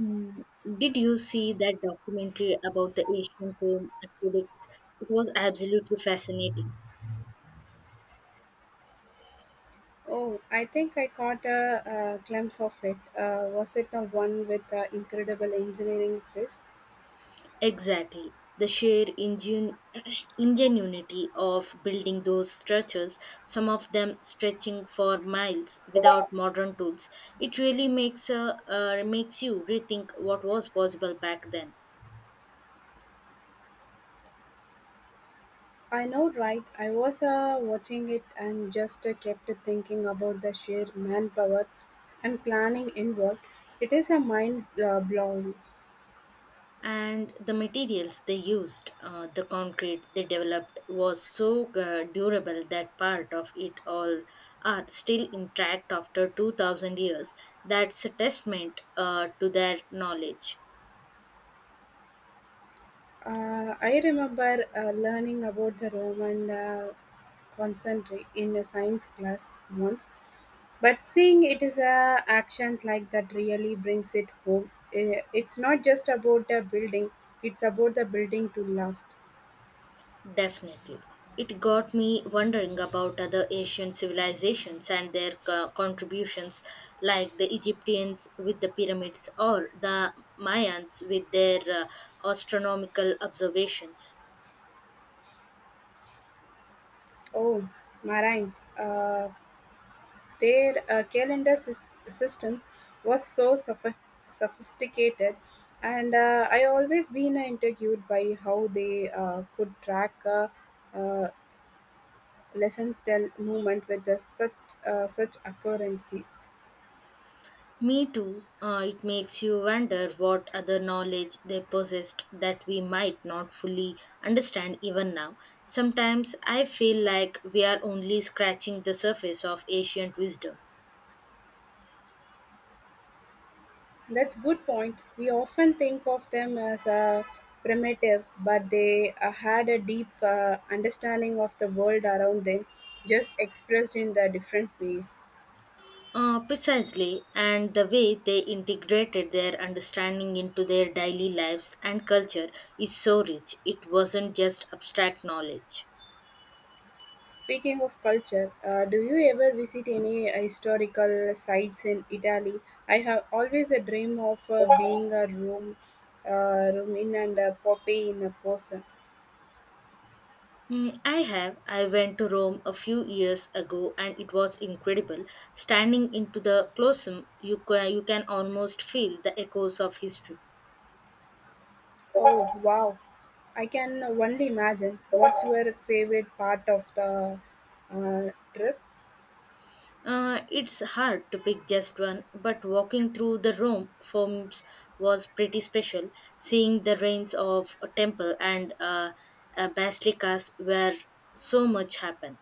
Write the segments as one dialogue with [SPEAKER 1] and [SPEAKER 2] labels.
[SPEAKER 1] Mm, did you see that documentary about the ancient Rome aqueducts? It was absolutely fascinating.
[SPEAKER 2] Oh, I think I caught a glimpse of it. Was it the one with the incredible engineering feats?
[SPEAKER 1] Exactly. The sheer ingen- ingenuity of building those structures, some of them stretching for miles without modern tools, it really makes, a, makes you rethink what was possible back then.
[SPEAKER 2] I know, right? I was watching it and just kept thinking about the sheer manpower and planning involved. It is a mind blowing.
[SPEAKER 1] And the materials they used, the concrete they developed was so durable that part of it all are still intact after 2000 years. That's a testament, to their knowledge.
[SPEAKER 2] I remember learning about the Roman concentrate in a science class once. But seeing it is a action like that really brings it home. It's not just about the building; it's about the building to last.
[SPEAKER 1] Definitely. It got me wondering about other Asian civilizations and their co- contributions, like the Egyptians with the pyramids or the Mayans with their astronomical observations.
[SPEAKER 2] Oh, Marines! Uh, their calendar systems was so sophisticated, and I always been intrigued by how they could track uh, lesson tell movement with the such accuracy.
[SPEAKER 1] Me too. It makes you wonder what other knowledge they possessed that we might not fully understand even now. Sometimes I feel like we are only scratching the surface of ancient wisdom.
[SPEAKER 2] That's good point. We often think of them as a primitive, but they had a deep understanding of the world around them, just expressed in the different ways.
[SPEAKER 1] Precisely, and the way they integrated their understanding into their daily lives and culture is so rich. It wasn't just abstract knowledge.
[SPEAKER 2] Speaking of culture, do you ever visit any historical sites in Italy? I have always a dream of being a Rome, Roman and a Poppy in a person.
[SPEAKER 1] Mm, I have. I went to Rome a few years ago and it was incredible. Standing into the Colosseum, you can almost feel the echoes of history.
[SPEAKER 2] Oh, wow. I can only imagine. What's your favorite part of the trip?
[SPEAKER 1] It's hard to pick just one, but walking through the Rome forms was pretty special. Seeing the ruins of a temple and basilicas where so much happened.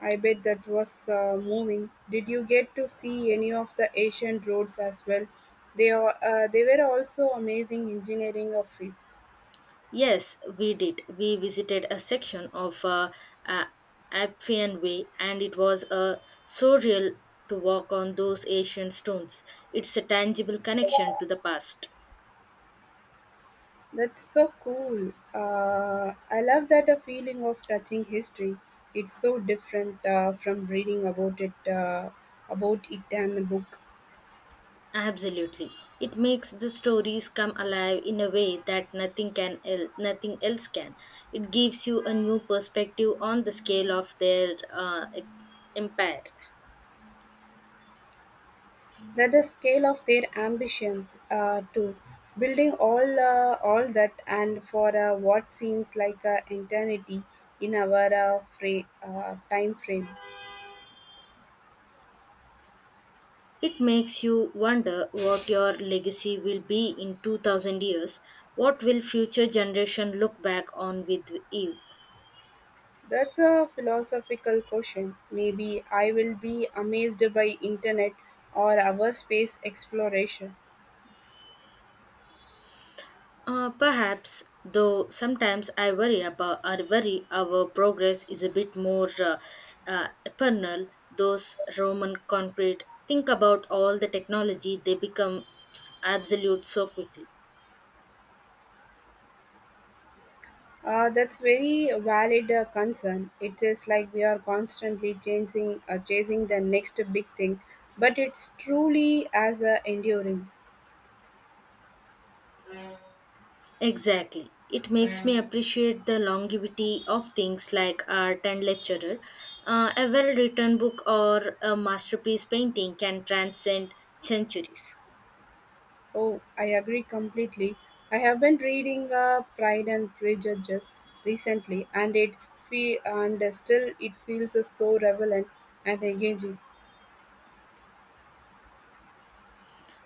[SPEAKER 2] I bet that was moving. Did you get to see any of the ancient roads as well? They were also amazing engineering of feast.
[SPEAKER 1] Yes, we did. We visited a section of uh, Appian Way, and it was so real to walk on those ancient stones. It's a tangible connection to the past.
[SPEAKER 2] That's so cool. I love that a feeling of touching history. It's so different from reading about it in a book.
[SPEAKER 1] Absolutely, it makes the stories come alive in a way that nothing else can. It gives you a new perspective on the scale of their empire.
[SPEAKER 2] That the scale of their ambitions to building all that and for what seems like an eternity in our time frame.
[SPEAKER 1] It makes you wonder what your legacy will be in 2000 years. What will future generation look back on with you?
[SPEAKER 2] That's a philosophical question. Maybe I will be amazed by internet or our space exploration.
[SPEAKER 1] Perhaps, though sometimes I worry about I worry our progress is a bit more eternal. Those Roman concrete, think about all the technology they become absolute so quickly.
[SPEAKER 2] That's very valid concern. It is like we are constantly chasing the next big thing, but it's truly as enduring.
[SPEAKER 1] Exactly. It makes me appreciate the longevity of things like art and literature. A well written book or a masterpiece painting can transcend centuries.
[SPEAKER 2] Oh, I agree completely. I have been reading Pride and Prejudice recently, and still it feels so relevant and engaging.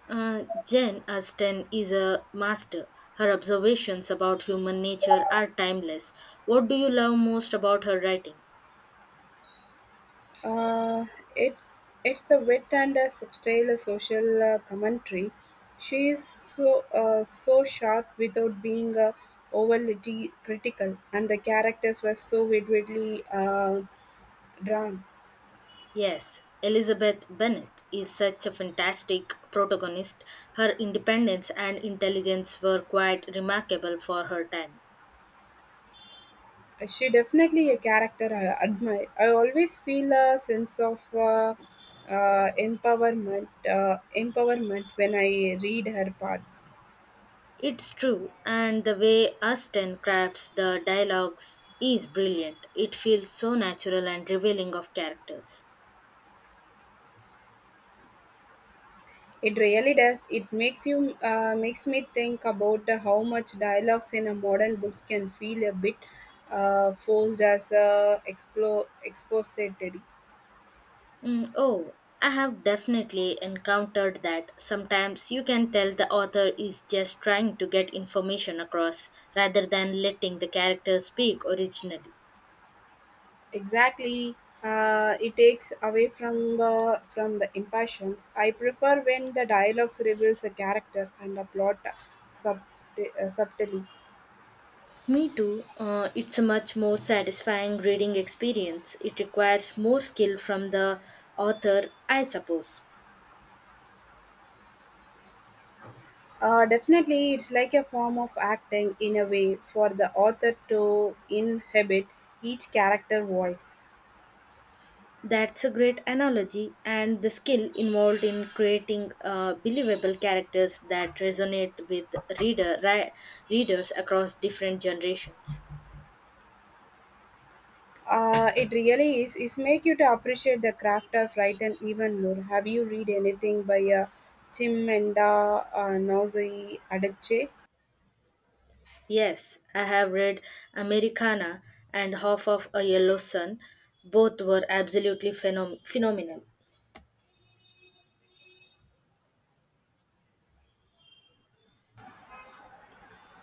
[SPEAKER 1] Jane Austen is a master. Her observations about human nature are timeless. What do you love most about her writing?
[SPEAKER 2] Uh, it's it's the wit and subtle social commentary. She is so sharp without being overly critical, and the characters were so vividly drawn.
[SPEAKER 1] Yes, Elizabeth Bennet is such a fantastic protagonist. Her independence and intelligence were quite remarkable for her time.
[SPEAKER 2] She definitely a character I admire. I always feel a sense of empowerment, empowerment when I read her parts.
[SPEAKER 1] It's true, and the way Austen crafts the dialogues is brilliant. It feels so natural and revealing of characters.
[SPEAKER 2] It really does. It makes you makes me think about how much dialogues in a modern books can feel a bit forced as a explore expository.
[SPEAKER 1] Mm, oh, I have definitely encountered that. Sometimes you can tell the author is just trying to get information across rather than letting the character speak originally.
[SPEAKER 2] Exactly. It takes away from the impassions. I prefer when the dialogues reveals a character and a plot sub, subtly.
[SPEAKER 1] Me too. It's a much more satisfying reading experience. It requires more skill from the author, I suppose.
[SPEAKER 2] Definitely, it's like a form of acting in a way for the author to inhabit each character voice.
[SPEAKER 1] That's a great analogy, and the skill involved in creating believable characters that resonate with reader ri- readers across different generations.
[SPEAKER 2] It really is. It's make you to appreciate the craft of writing even more. Have you read anything by Chimamanda Ngozi Adichie?
[SPEAKER 1] Yes, I have read Americana and Half of a Yellow Sun. Both were absolutely phenomenal.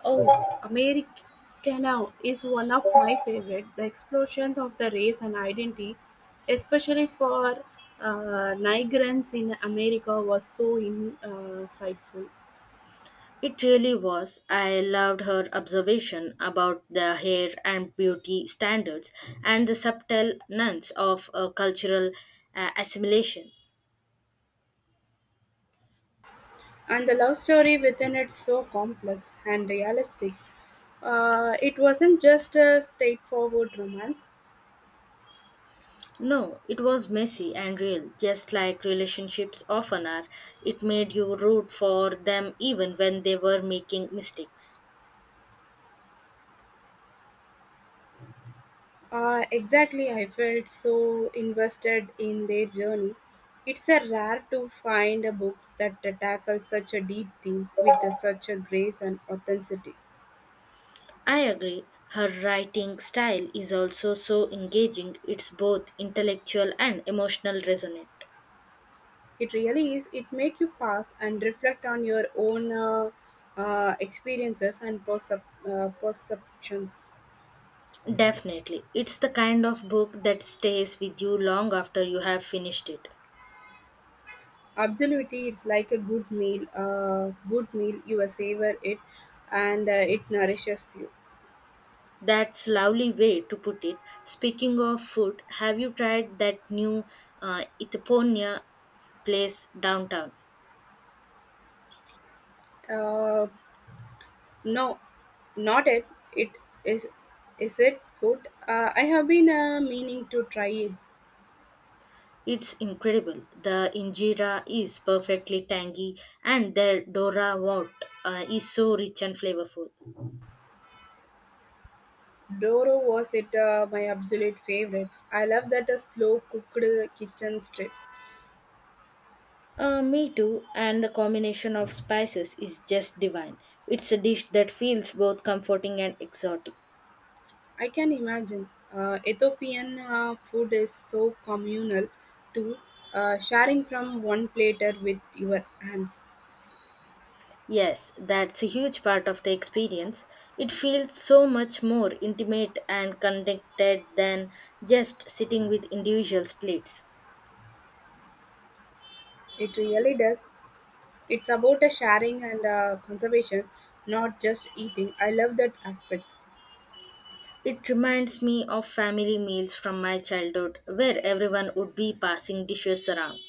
[SPEAKER 2] Oh, Americana is one of my favorite. The explosions of the race and identity, especially for migrants in America, was so in, insightful.
[SPEAKER 1] It really was. I loved her observation about the hair and beauty standards and the subtle nuance of cultural assimilation.
[SPEAKER 2] And the love story within it so complex and realistic. It wasn't just a straightforward romance.
[SPEAKER 1] No, it was messy and real, just like relationships often are. It made you root for them even when they were making mistakes.
[SPEAKER 2] Exactly, I felt so invested in their journey. It's a rare to find a books that tackle such a deep themes such a grace and authenticity.
[SPEAKER 1] I agree. Her writing style is also so engaging, it's both intellectual and emotional resonant.
[SPEAKER 2] It really is. It make you pause and reflect on your own experiences and perceptions.
[SPEAKER 1] Definitely. It's the kind of book that stays with you long after you have finished it.
[SPEAKER 2] Absolutely, it's like a good meal. Good meal, you savor it, and it nourishes you.
[SPEAKER 1] That's lovely way to put it. Speaking of food, have you tried that new Itaponia place downtown?
[SPEAKER 2] Uh, No, not it. It is. Is it good? I have been meaning to try it.
[SPEAKER 1] It's incredible. The injera is perfectly tangy, and the dora wort is so rich and flavorful.
[SPEAKER 2] Doro was it my absolute favorite. I love that slow cooked kitchen strip.
[SPEAKER 1] Me too, and the combination of spices is just divine. It's a dish that feels both comforting and exotic.
[SPEAKER 2] I can imagine. Ethiopian food is so communal, too. Sharing from one platter with your hands.
[SPEAKER 1] Yes, that's a huge part of the experience. It feels so much more intimate and connected than just sitting with individual plates.
[SPEAKER 2] It really does. It's about a sharing and conservation, not just eating. I love that aspect.
[SPEAKER 1] It reminds me of family meals from my childhood where everyone would be passing dishes around.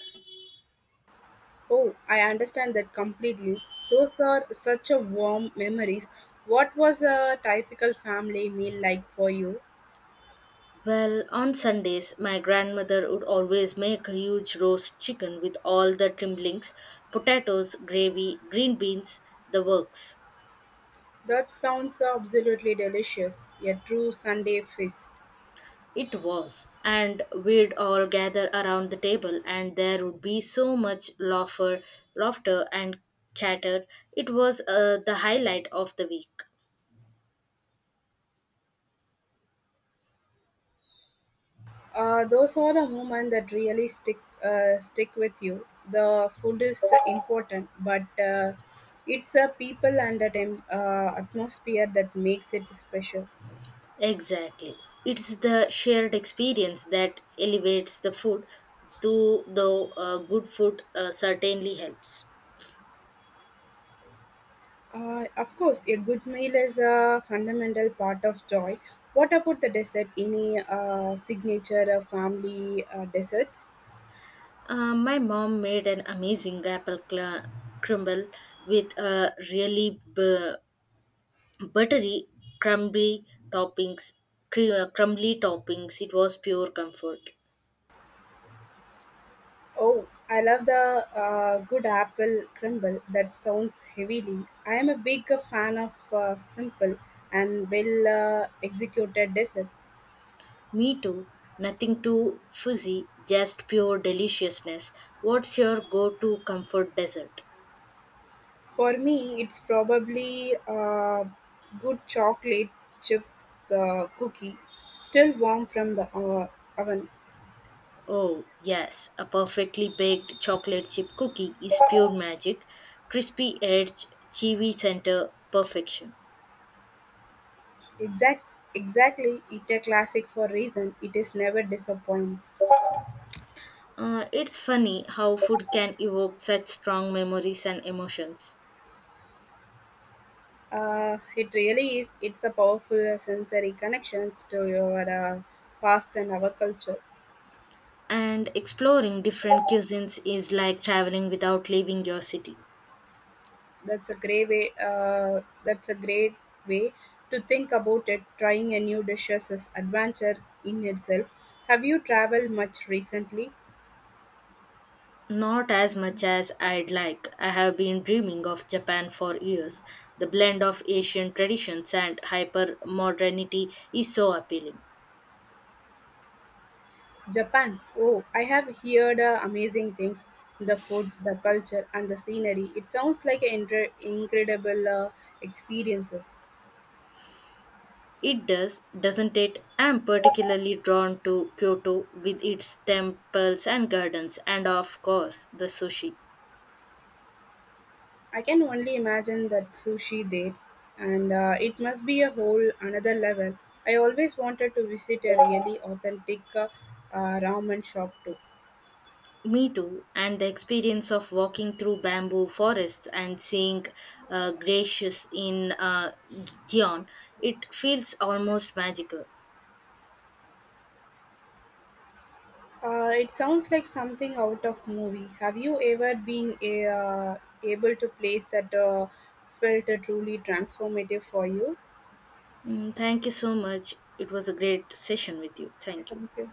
[SPEAKER 2] Oh, I understand that completely. Those are such a warm memories. What was a typical family meal like for you?
[SPEAKER 1] Well, on Sundays, my grandmother would always make a huge roast chicken with all the trimblings, potatoes, gravy, green beans, the works.
[SPEAKER 2] That sounds absolutely delicious. A true Sunday feast.
[SPEAKER 1] It was, and we'd all gather around the table, and there would be so much laughter, and chatter. It was the highlight of the week.
[SPEAKER 2] Those are the moments that really stick with you. The food is important, but it's a people and a atmosphere that makes it special.
[SPEAKER 1] Exactly. It's the shared experience that elevates the food, though the good food certainly helps.
[SPEAKER 2] Of course, a good meal is a fundamental part of joy. What about the dessert? Any signature family desserts?
[SPEAKER 1] My mom made an amazing crumble with really buttery, crumbly toppings. Crumbly toppings. It was pure comfort.
[SPEAKER 2] Oh, I love the good apple crumble. That sounds heavily. I am a big fan of simple and well executed dessert.
[SPEAKER 1] Me too. Nothing too fuzzy, just pure deliciousness. What's your go-to comfort dessert?
[SPEAKER 2] For me, it's probably good chocolate chip cookie, still warm from the oven.
[SPEAKER 1] Oh, yes, a perfectly baked chocolate chip cookie is pure magic. Crispy edge, chewy center, perfection.
[SPEAKER 2] Exact, exactly. It's a classic for reason. It is never disappoints.
[SPEAKER 1] It's funny how food can evoke such strong memories and emotions.
[SPEAKER 2] It really is. It's a powerful sensory connections to your past and our culture.
[SPEAKER 1] And exploring different cuisines is like traveling without leaving your city.
[SPEAKER 2] That's a great way. That's a great way to think about it. Trying a new dishes is adventure in itself. Have you traveled much recently?
[SPEAKER 1] Not as much as I'd like. I have been dreaming of Japan for years. The blend of Asian traditions and hyper modernity is so appealing.
[SPEAKER 2] Japan. Oh, I have heard amazing things. The food, the culture, and the scenery. It sounds like an incredible experiences.
[SPEAKER 1] It does, doesn't it? I am particularly drawn to Kyoto with its temples and gardens, and of course, the sushi.
[SPEAKER 2] I can only imagine that sushi there, and it must be a whole another level. I always wanted to visit a really authentic ramen shop too.
[SPEAKER 1] Me too, and the experience of walking through bamboo forests and seeing glaciers in Gion, it feels almost magical.
[SPEAKER 2] It sounds like something out of movie. Have you ever able to place that felt truly transformative for you?
[SPEAKER 1] Mm, thank you so much. It was a great session with you.
[SPEAKER 2] I
[SPEAKER 1] Thank you.
[SPEAKER 2] thank you.